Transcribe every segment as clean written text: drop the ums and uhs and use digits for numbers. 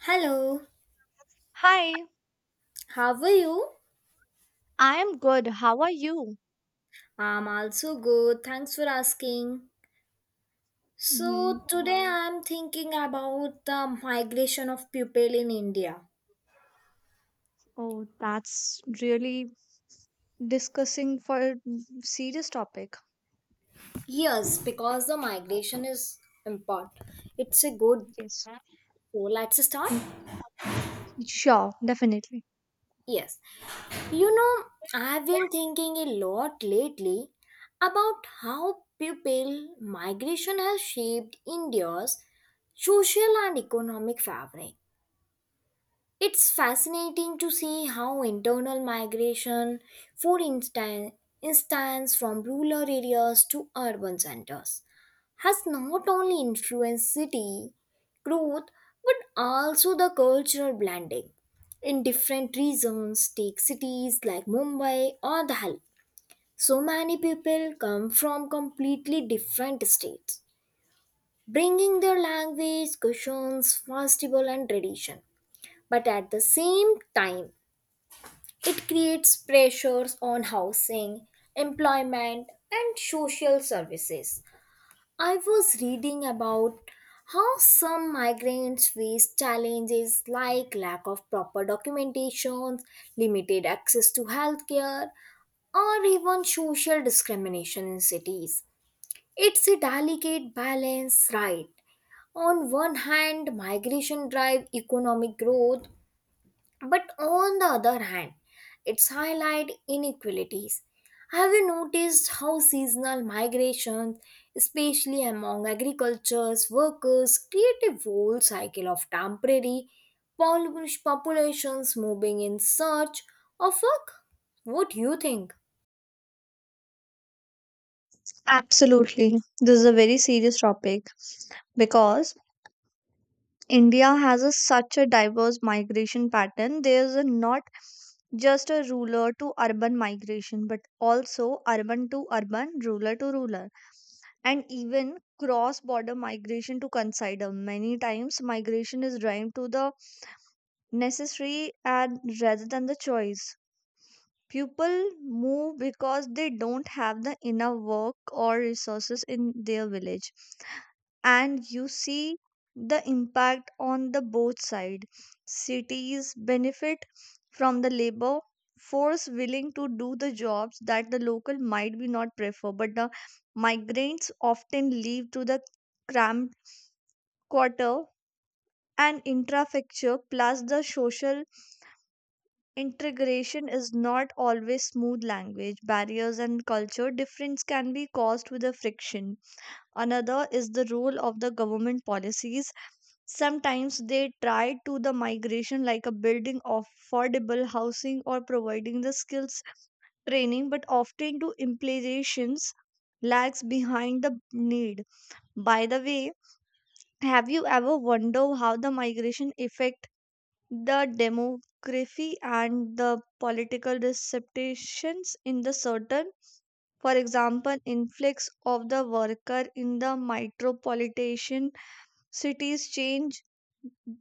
Hello, Hi, how are you? I am good. How are you? I'm also good, thanks for asking. Hmm. So, today I'm thinking about the migration of people in India. Oh, that's really discussing for a serious topic. Yes, because the migration is important. It's a good. Yes. So, let's start. Mm, sure, definitely. Yes, you know, I've been thinking a lot lately about how people migration has shaped India's social and economic fabric. It's fascinating to see how internal migration, for instance, instance from rural areas to urban centers, has not only influenced city growth but also the cultural blending. In different regions, take cities like Mumbai or Delhi. So many people come from completely different states, bringing their language, customs, festival, and tradition. But at the same time, it creates pressures on housing, employment, and social services. I was reading about how some migrants face challenges like lack of proper documentation, limited access to healthcare, or even social discrimination in cities. It's a delicate balance, right? On one hand, migration drives economic growth, but on the other hand, it's highlight inequalities. Have you noticed how seasonal migrations, especially among agricultures workers, create a whole cycle of temporary populations moving in search of work? What do you think? Absolutely. This is a very serious topic because India has such a diverse migration pattern. There's a not just a rural to urban migration, but also urban to urban, rural to rural. And even cross border migration to consider. Many times migration is driven to the necessary and rather than the choice. People move because they don't have the enough work or resources in their village. And you see the impact on the both side. Cities benefit from the labor force willing to do the jobs that the local might be not prefer, but the migrants often leave to the cramped quarter and infrastructure, plus the social integration is not always smooth language. Barriers and culture difference can be caused with a friction. Another is the role of the government policies. Sometimes they try to the migration like a building affordable housing or providing the skills training, but often to implications lags behind the need. By the way, have you ever wondered how the migration affect the demography and the political receptions in the certain? For example, influx of the worker in the metropolitan cities change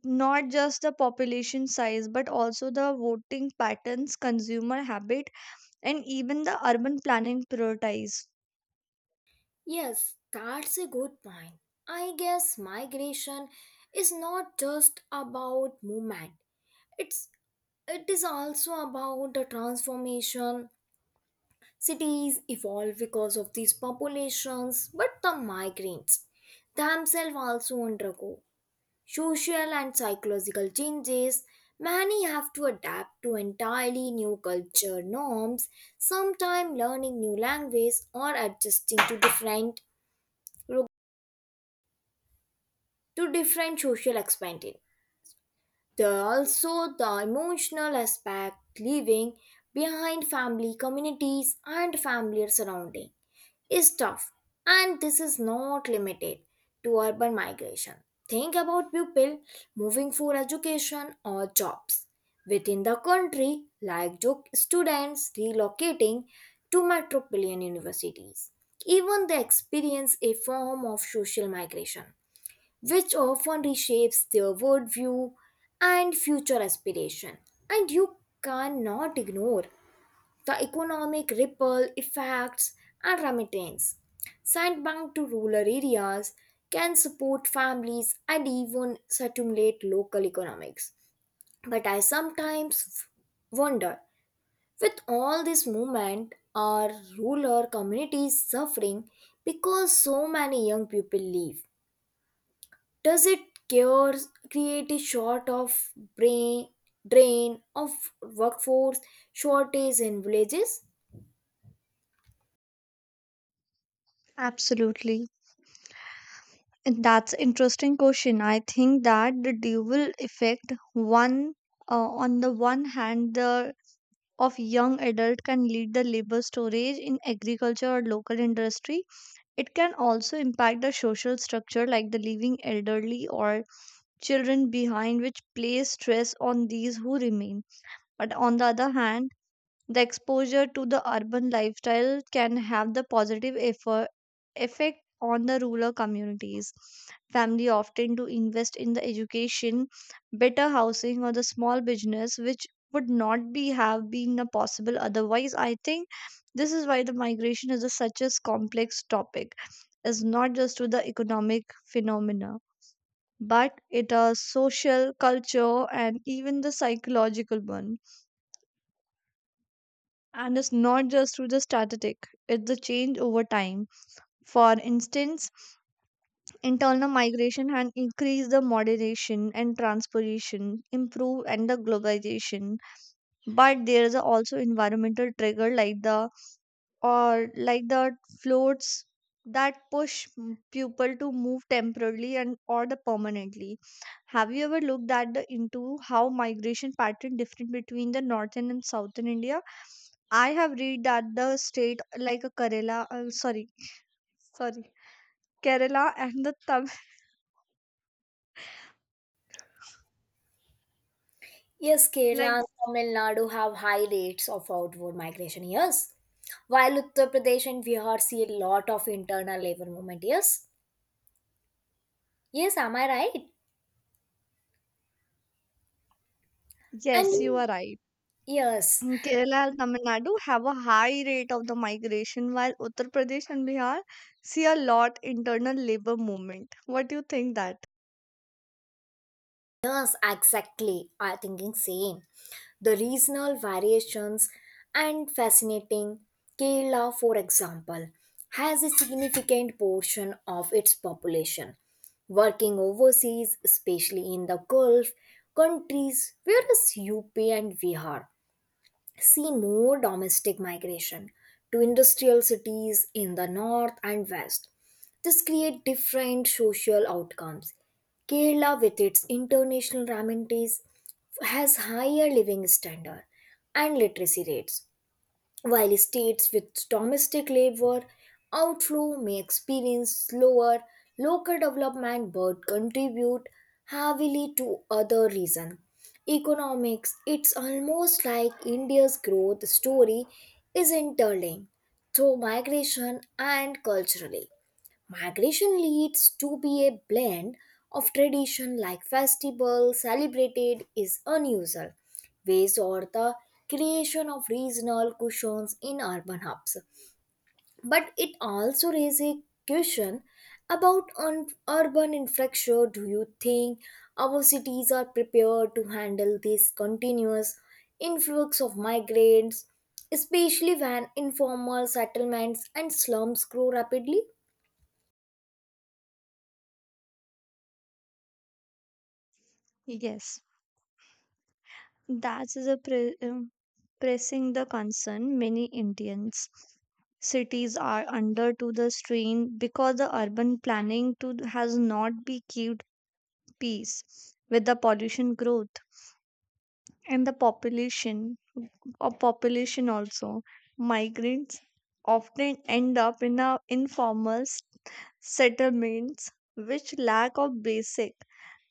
not just the population size but also the voting patterns, consumer habit, and even the urban planning priorities. Yes, that's a good point. I guess migration is not just about movement. It's it is also about the transformation. Cities evolve because of these populations, but the migrants themselves also undergo social and psychological changes. Many have to adapt to entirely new culture norms, sometimes learning new language or adjusting to different social expanding. There are also the emotional aspect leaving behind family communities and familiar surrounding. Is tough, and this is not limited to urban migration. Think about people moving for education or jobs within the country, like students relocating to metropolitan universities. Even they experience a form of social migration, which often reshapes their worldview and future aspiration. And you cannot ignore the economic ripple effects and remittance sent to rural areas can support families and even stimulate local economics. But I sometimes wonder, with all this movement, are rural communities suffering because so many young people leave? Does it cure, create a sort of brain, drain of workforce shortage in villages? Absolutely. And that's interesting question. I think that the dual effect one, on the one hand the of young adult can lead the labor storage in agriculture or local industry. It can also impact the social structure like the leaving elderly or children behind, which plays stress on these who remain. But on the other hand, the exposure to the urban lifestyle can have the positive effect on the rural communities. Family often do invest in the education, better housing, or the small business, which would not be have been a possible otherwise. I think this is why the migration is such a complex topic. It's not just to the economic phenomena, but it is social, culture, and even the psychological one. And it's not just through the static, it's the change over time. For instance, internal migration had increased the moderation and transportation, improved and the globalization. But there is also environmental trigger like the floats that push people to move temporarily and or the permanently. Have you ever looked at the into how migration pattern different between the northern and southern India? I have read that the state like a Kerala, sorry, Kerala and the Yes, Kerala like. and Tamil Nadu have high rates of outward migration, yes. While Uttar Pradesh and Bihar see a lot of internal labor movement, yes. Yes, am I right? Yes, you And are right. yes, Mm, Kerala and Tamil Nadu have a high rate of the migration, while Uttar Pradesh and Bihar see a lot internal labor movement. What do you think that? yes, exactly. I thinking same. The regional variations and fascinating. Kerala, for example, has a significant portion of its population working overseas, especially in the Gulf countries, whereas UP and Bihar see more domestic migration to industrial cities in the north and west. This create different social outcomes. Kerala, with its international ramities, has higher living standard and literacy rates while states with domestic labor outflow may experience slower local development but contribute heavily to other reason economics. It's almost like India's growth story is interlinked through migration and culturally migration leads to be a blend of tradition like festivals celebrated is unusual ways or the creation of regional cushions in urban hubs. But it also raises a question about urban infrastructure. Do you think our cities are prepared to handle this continuous influx of migrants, especially when informal settlements and slums grow rapidly? Yes, that's the pressing the concern many Indians. Cities are under to the strain because the urban planning to has not be kept pace with the pollution growth and the population also migrants often end up in a informal settlements, which lack of basic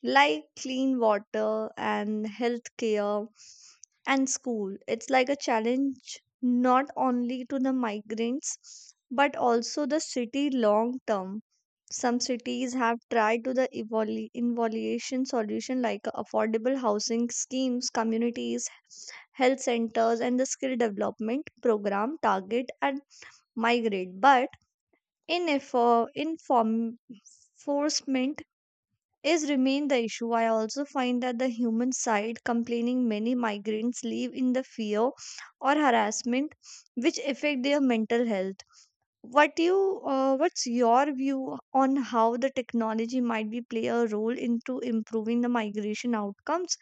like clean water and health care and school. It's like a challenge not only to the migrants but also the city long term. Some cities have tried to the evaluation solution like affordable housing schemes, communities, health centers, and the skill development program target at migrate, but enforcement is remain the issue. I also find that the human side complaining many migrants live in the fear or harassment, which affect their mental health. What you what's your view on how the technology might be play a role into improving the migration outcomes?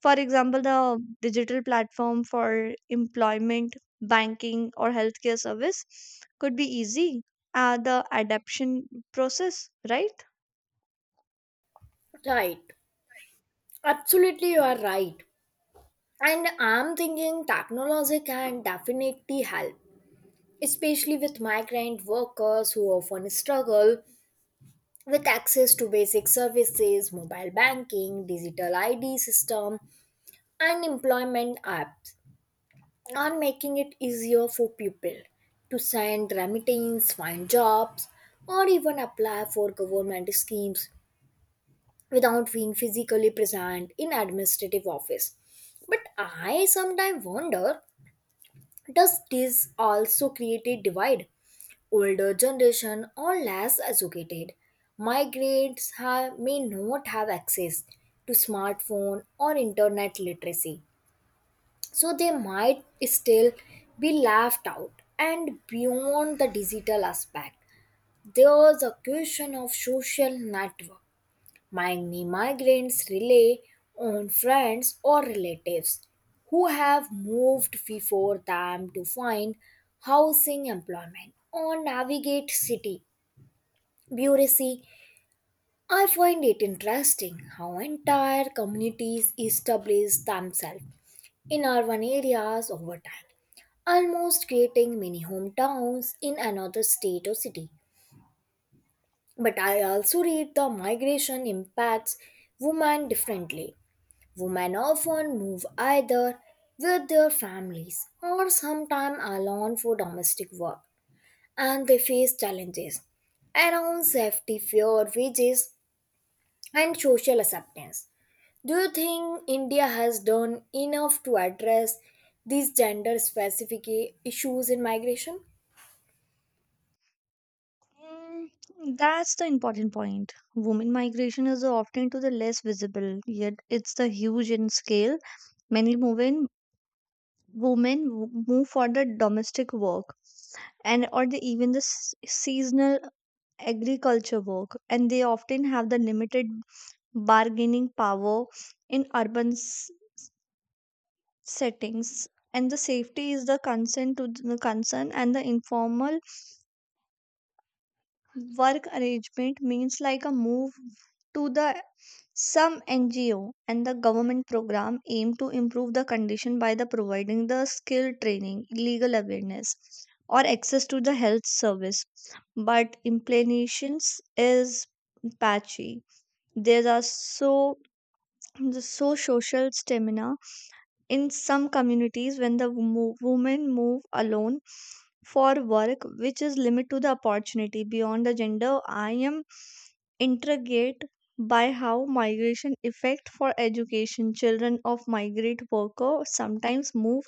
For example, the digital platform for employment, banking, or healthcare service could be easy, the adaption process, right? Right. Absolutely, you are right. And I'm thinking technology can definitely help, especially with migrant workers who often struggle with access to basic services, mobile banking, digital ID system, and employment apps are making it easier for people to send remittance, find jobs, or even apply for government schemes, without being physically present in administrative office. But I sometimes wonder, does this also create a divide? Older generation or less educated may not have access to smartphone or internet literacy, so they might still be left out. And beyond the digital aspect, there's a question of social network. Many migrants rely on friends or relatives who have moved before them to find housing, employment, or navigate city bureaucracy. I find it interesting how entire communities establish themselves in urban areas over time, almost creating mini hometowns in another state or city. But I also read the migration impacts women differently. Women often move either with their families or sometimes alone for domestic work, and they face challenges around safety, fear, wages, and social acceptance. Do you think India has done enough to address these gender specific issues in migration? Mm, that's the important point. Women migration is often to the less visible, yet it's the huge in scale. Many women move for the domestic work and or the even the seasonal agriculture work, and they often have the limited bargaining power in urban settings. And the safety is the concern, and the informal work arrangement means like a move to the some NGO, and the government program aim to improve the condition by the providing the skill training, legal awareness, or access to the health service, but implementations is patchy. There are so the so social stamina in some communities, when the women move alone for work, which is limit to the opportunity beyond the gender. I am intrigued by how migration effect for education. Children of migrant workers sometimes move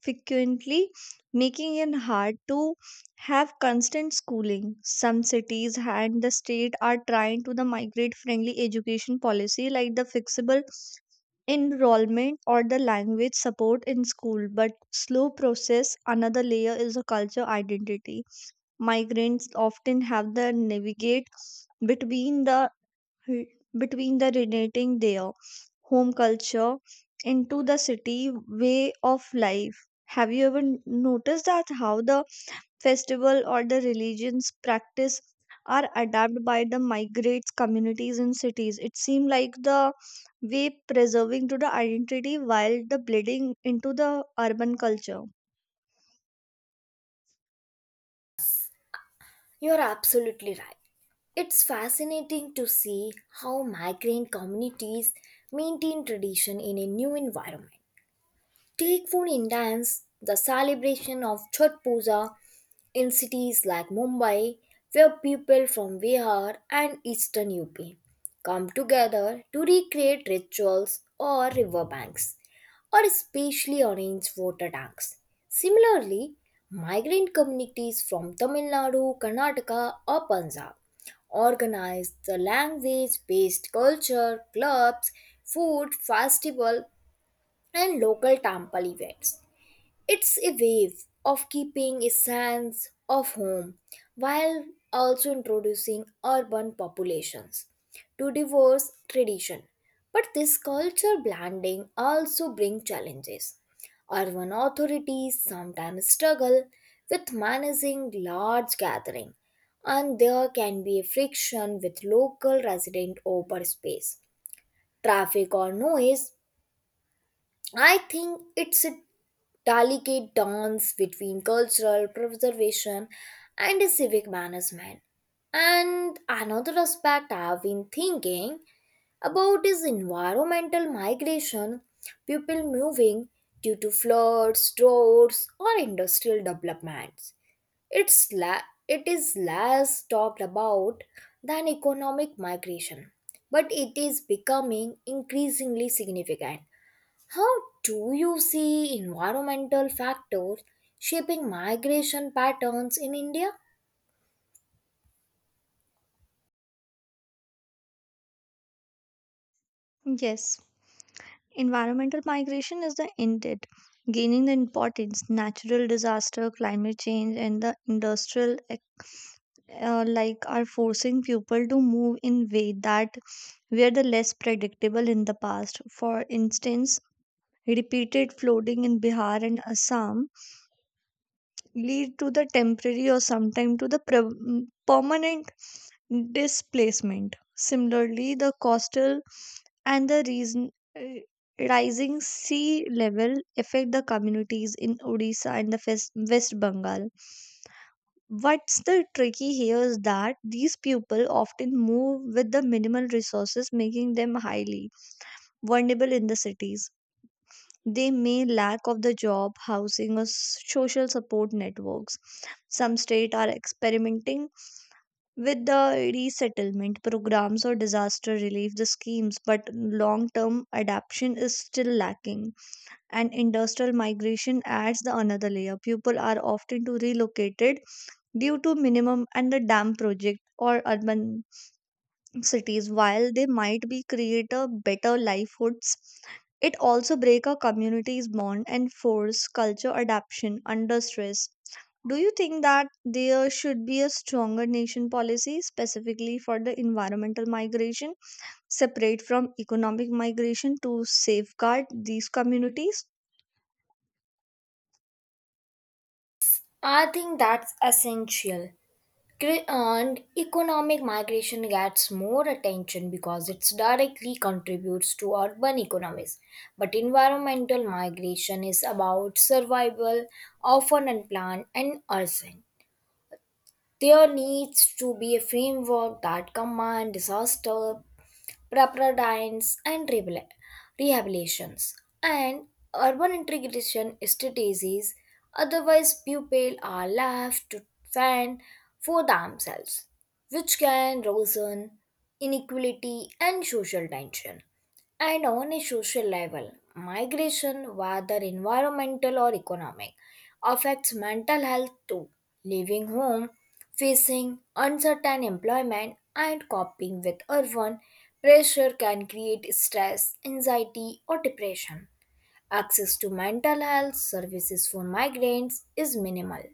frequently, making it hard to have constant schooling. Some cities and the state are trying to the migrate friendly education policy like the fixable enrollment or the language support in school, but slow process. Another layer is a culture identity. Migrants often have to navigate between the between the relating their home culture into the city way of life. Have you ever noticed that how the festival or the religions practice are adapted by the migrants communities in cities? It seemed like the way preserving to the identity while the blending into the urban culture. You're absolutely right. It's fascinating to see how migrant communities maintain tradition in a new environment. Take for instance the celebration of Chhath Puja in cities like Mumbai, where people from Bihar and eastern UP come together to recreate rituals or riverbanks or specially arranged water tanks. Similarly, migrant communities from Tamil Nadu, Karnataka, or Punjab organize the language based culture, clubs, food, festival and local temple events. It's a wave of keeping a sense of home while also introducing urban populations to diverse tradition. But this culture blending also brings challenges. Urban authorities sometimes struggle with managing large gatherings, and there can be a friction with local resident over space, traffic or noise. I think it's a delicate dance between cultural preservation and a civic management. And another aspect I've been thinking about is environmental migration, people moving due to floods, droughts, or industrial developments. It's la- it is less talked about than economic migration, but it is becoming increasingly significant. How do you see environmental factors shaping migration patterns in India? Yes, environmental migration is the intent gaining the importance. Natural disaster, climate change, and the industrial like are forcing people to move in way that were the less predictable in the past. For instance, repeated flooding in Bihar and Assam lead to the temporary or sometimes to the permanent displacement. Similarly, the coastal and the reason, rising sea level affect the communities in Odisha and the West Bengal. What's the tricky here is that these people often move with the minimal resources, making them highly vulnerable in the cities. They may lack of the job, housing, or social support networks. Some states are experimenting with the resettlement programs or disaster relief the schemes, but long term adaptation is still lacking. And industrial migration adds the another layer. People are often to relocated due to minimum and the dam project or urban cities. While they might be create a better livelihoods, it also break a community's bond and force culture adaptation under stress. Do you think that there should be a stronger nation policy specifically for the environmental migration separate from economic migration to safeguard these communities? I think that's essential. And economic migration gets more attention because it directly contributes to urban economies. But environmental migration is about survival, often unplanned and urgent. There needs to be a framework that combines disaster preparations and rehabilitations, and urban integration strategies. Otherwise, pupils are left to fend for themselves, which can worsen inequality and social tension. And on a social level, migration, whether environmental or economic, affects mental health too. Leaving home, facing uncertain employment, and coping with urban pressure can create stress, anxiety, or depression. Access to mental health services for migrants is minimal.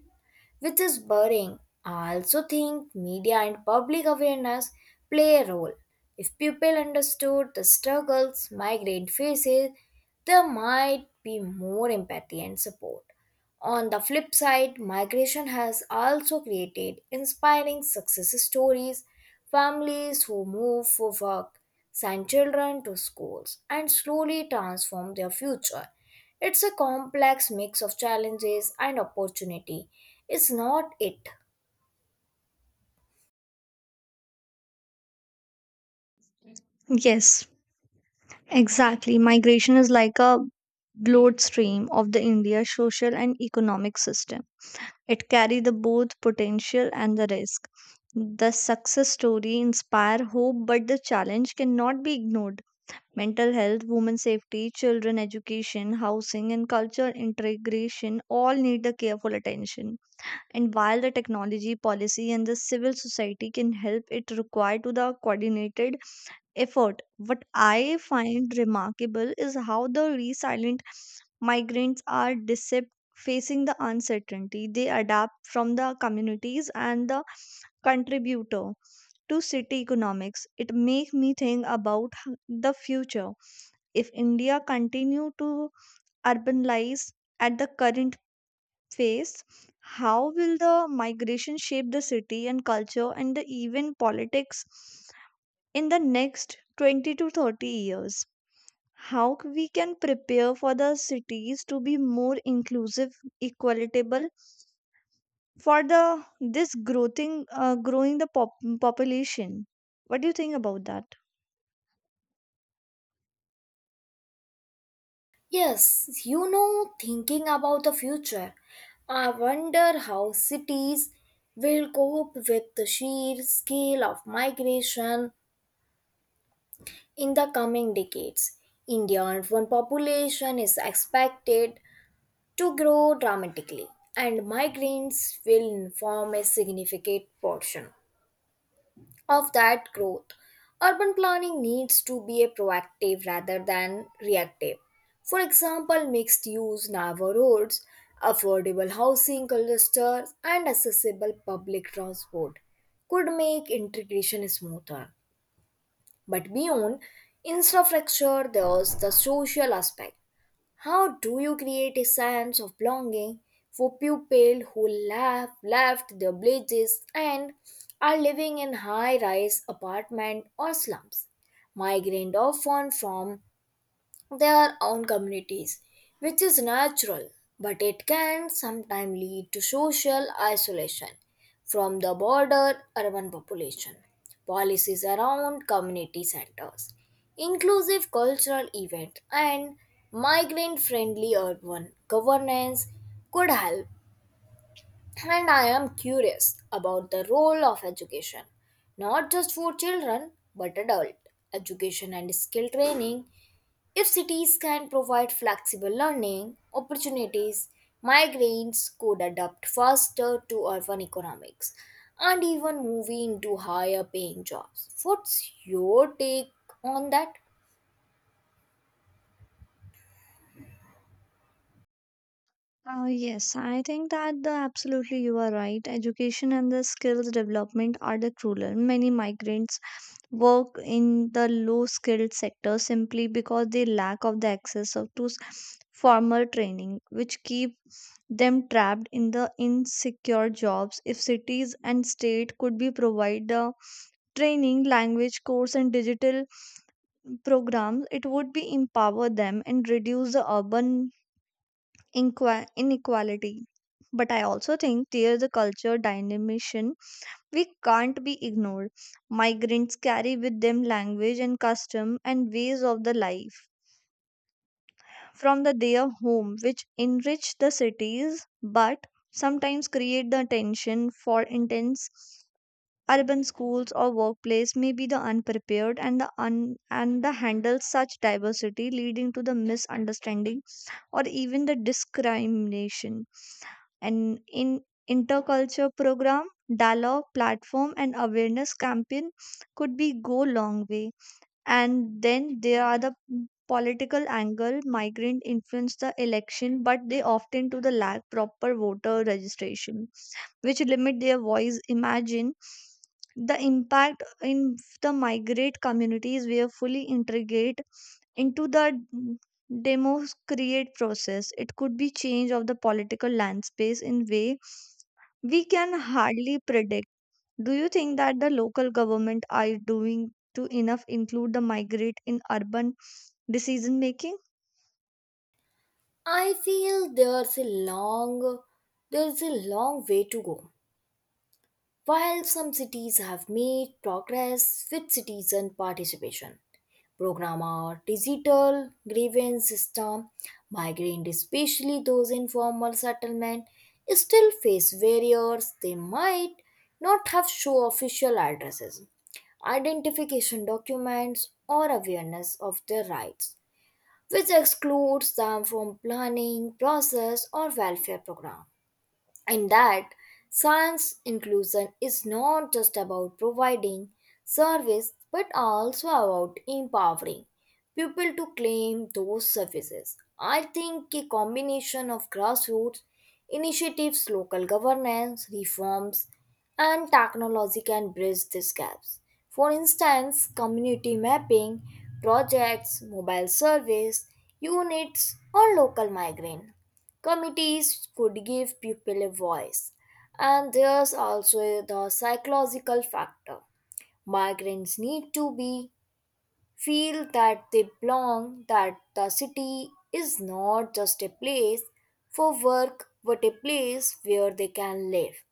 Which is burying, I also think media and public awareness play a role. If people understood the struggles migrant faces, there might be more empathy and support. On the flip side, migration has also created inspiring success stories, families who move for work, send children to schools, and slowly transform their future. It's a complex mix of challenges and opportunity. It's not it. Yes, exactly, migration is like a bloodstream of the India social and economic system. It carry the both potential and the risk. The success story inspire hope, but the challenge cannot be ignored. Mental health, women safety, children education, housing, and culture integration all need the careful attention. And while the technology, policy, and the civil society can help, it require to the coordinated effort. What I find remarkable is how the resilient migrants are decept facing the uncertainty. They adapt from the communities and the contributor to city economics. It makes me think about the future. If India continue to urbanize at the current pace, how will the migration shape the city and culture and the even politics in the next 20 to 30 years? How we can prepare for the cities to be more inclusive equitable for the this growing population. What do you think about that? Yes, thinking about the future, I wonder how cities will cope with the sheer scale of migration. In the coming decades, India's urban population is expected to grow dramatically, and migrants will form a significant portion of that growth. Urban planning needs to be a proactive rather than reactive. For example, mixed use neighborhoods, affordable housing clusters, and accessible public transport could make integration smoother. But beyond infrastructure, there's the social aspect. How do you create a sense of belonging for people who have left their villages and are living in high rise apartment or slums? Migrant often from their own communities, which is natural, but it can sometimes lead to social isolation from the broader urban population. Policies around community centers, inclusive cultural events, and migrant friendly urban governance could help. And I am curious about the role of education, not just for children but adult education and skill training. If cities can provide flexible learning opportunities, migrants could adapt faster to urban economics and even move into higher paying jobs. What's your take on that? Yes, I think that the absolutely you are right. Education and the skills development are the crueler. Many migrants work in the low skilled sector simply because they lack of the access of to formal training, which keep them trapped in the insecure jobs. If cities and state could be provide the training, language course, and digital programs, it would be empower them and reduce the urban inequality. But I also think there's a culture dynamism we can't be ignored. Migrants carry with them language and custom and ways of the life from the their home, which enrich the cities, but sometimes create the tension for intense urban schools or workplace may be the unprepared and the handle such diversity, leading to the misunderstanding or even the discrimination. And in interculture program, dialogue platform, and awareness campaign could be go long way. And then there are the political angle. Migrant influence the election, but they often to the lack proper voter registration, which limit their voice. Imagine the impact in the migrate communities were fully integrate into the mm, process. It could be change of the political landscape in way we can hardly predict. Do you think that the local government are doing to enough include the migrate in urban decision making? I feel there's a long way to go. While some cities have made progress with citizen participation, program or digital grievance system, migrant, especially those in formal settlement, still face barriers. They might not have show official addresses, identification documents, or awareness of their rights, which excludes them from planning, process, or welfare program. In that science inclusion is not just about providing service but also about empowering people to claim those services. I think a combination of grassroots initiatives, local governance, reforms, and technology can bridge these gaps. For instance, community mapping, projects, mobile service, units, or local migrant committees could give people a voice. And there's also the psychological factor. Migrants need to be feel that they belong, that the city is not just a place for work but a place where they can live,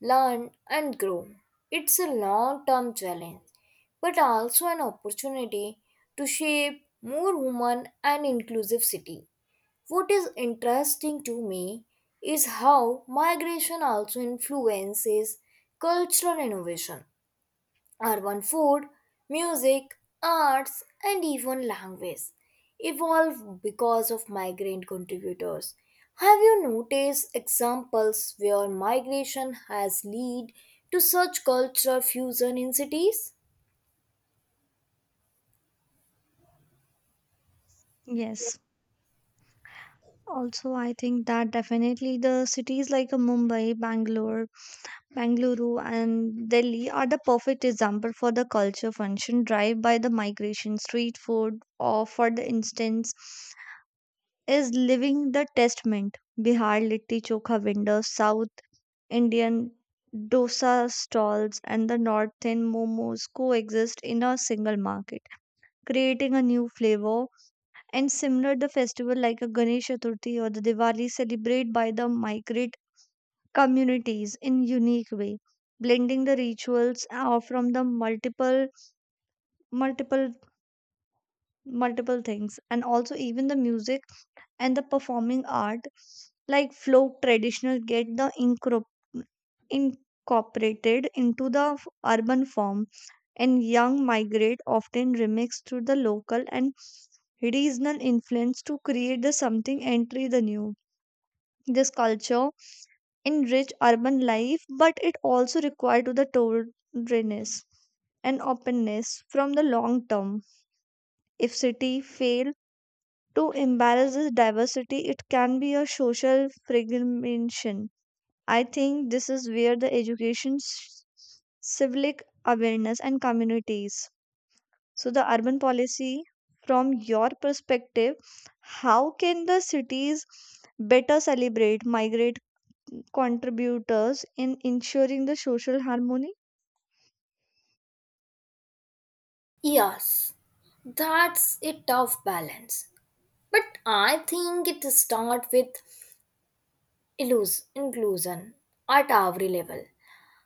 learn and grow. It's a long-term challenge but also an opportunity to shape more human and inclusive city. What is interesting to me is how migration also influences cultural innovation, urban food, music, arts, and even language evolve because of migrant contributors. Have you noticed examples where migration has led to such cultural fusion in cities? Yes, also I think that definitely the cities like Mumbai, Bangalore and Delhi are the perfect example for the culture function drive by the migration. Street food or for the instance is living the testament. Bihar litti chokha vendors, South Indian dosa stalls, and the northern momos coexist in a single market, creating a new flavor. And similar, the festival like a Ganesh Chaturthi or the Diwali celebrate by the migrant communities in unique way, blending the rituals from the multiple, multiple things, and also even the music and the performing art like folk traditional get the incorporated into the urban form. And young migrate often remix through the local and regional influence to create the something entry the new. This culture enrich urban life, but it also required to the togetherness and openness from the long term. If city fail to embrace this diversity, it can be a social fragmentation. I think this is where the education, civic awareness, and communities. So, the urban policy, from your perspective, how can the cities better celebrate migrant contributors in ensuring the social harmony? Yes, that's a tough balance. But I think it starts with inclusion at every level,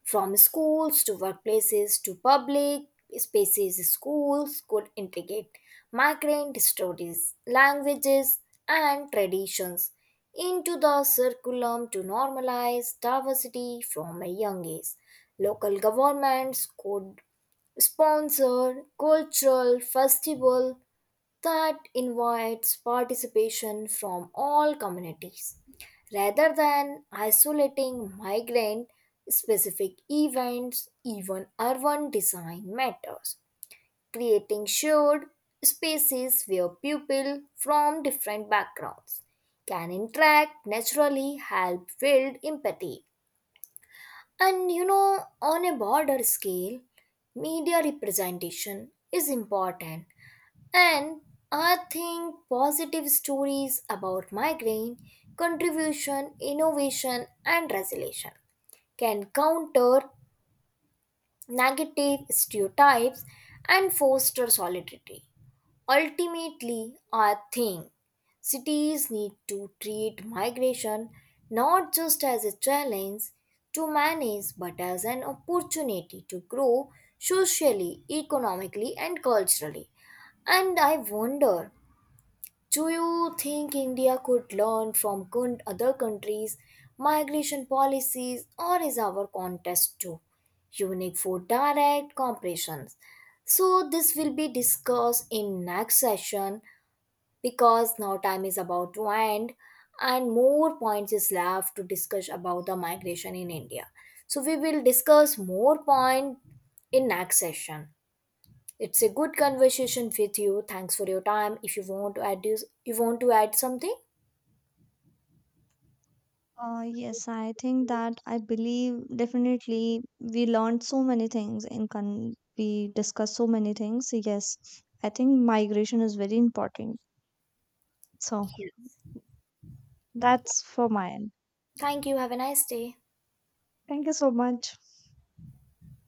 from schools to workplaces to public spaces. Schools could integrate migrant stories, languages, and traditions into the curriculum to normalize diversity from a young age. Local governments could sponsor cultural festival that invites participation from all communities rather than isolating migrant specific events. Even urban design matters, creating shared spaces where people from different backgrounds can interact naturally help build empathy. And on a broader scale media representation is important. And I think positive stories about migraine, contribution, innovation, and resilience can counter negative stereotypes and foster solidarity. Ultimately, I think cities need to treat migration not just as a challenge to manage but as an opportunity to grow socially, economically, and culturally. And I wonder, do you think India could learn from other countries' migration policies, or is our contest too unique for direct comparisons? So, this will be discussed in next session because now time is about to end and more points is left to discuss about the migration in India. So, we will discuss more point in next session. It's a good conversation with you. Thanks for your time. If you want to add this, you want to add something? Yes, I think that I believe definitely we learned so many things and can we discussed so many things. Yes, I think migration is very important. So that's for my end. Thank you. Have a nice day. Thank you so much.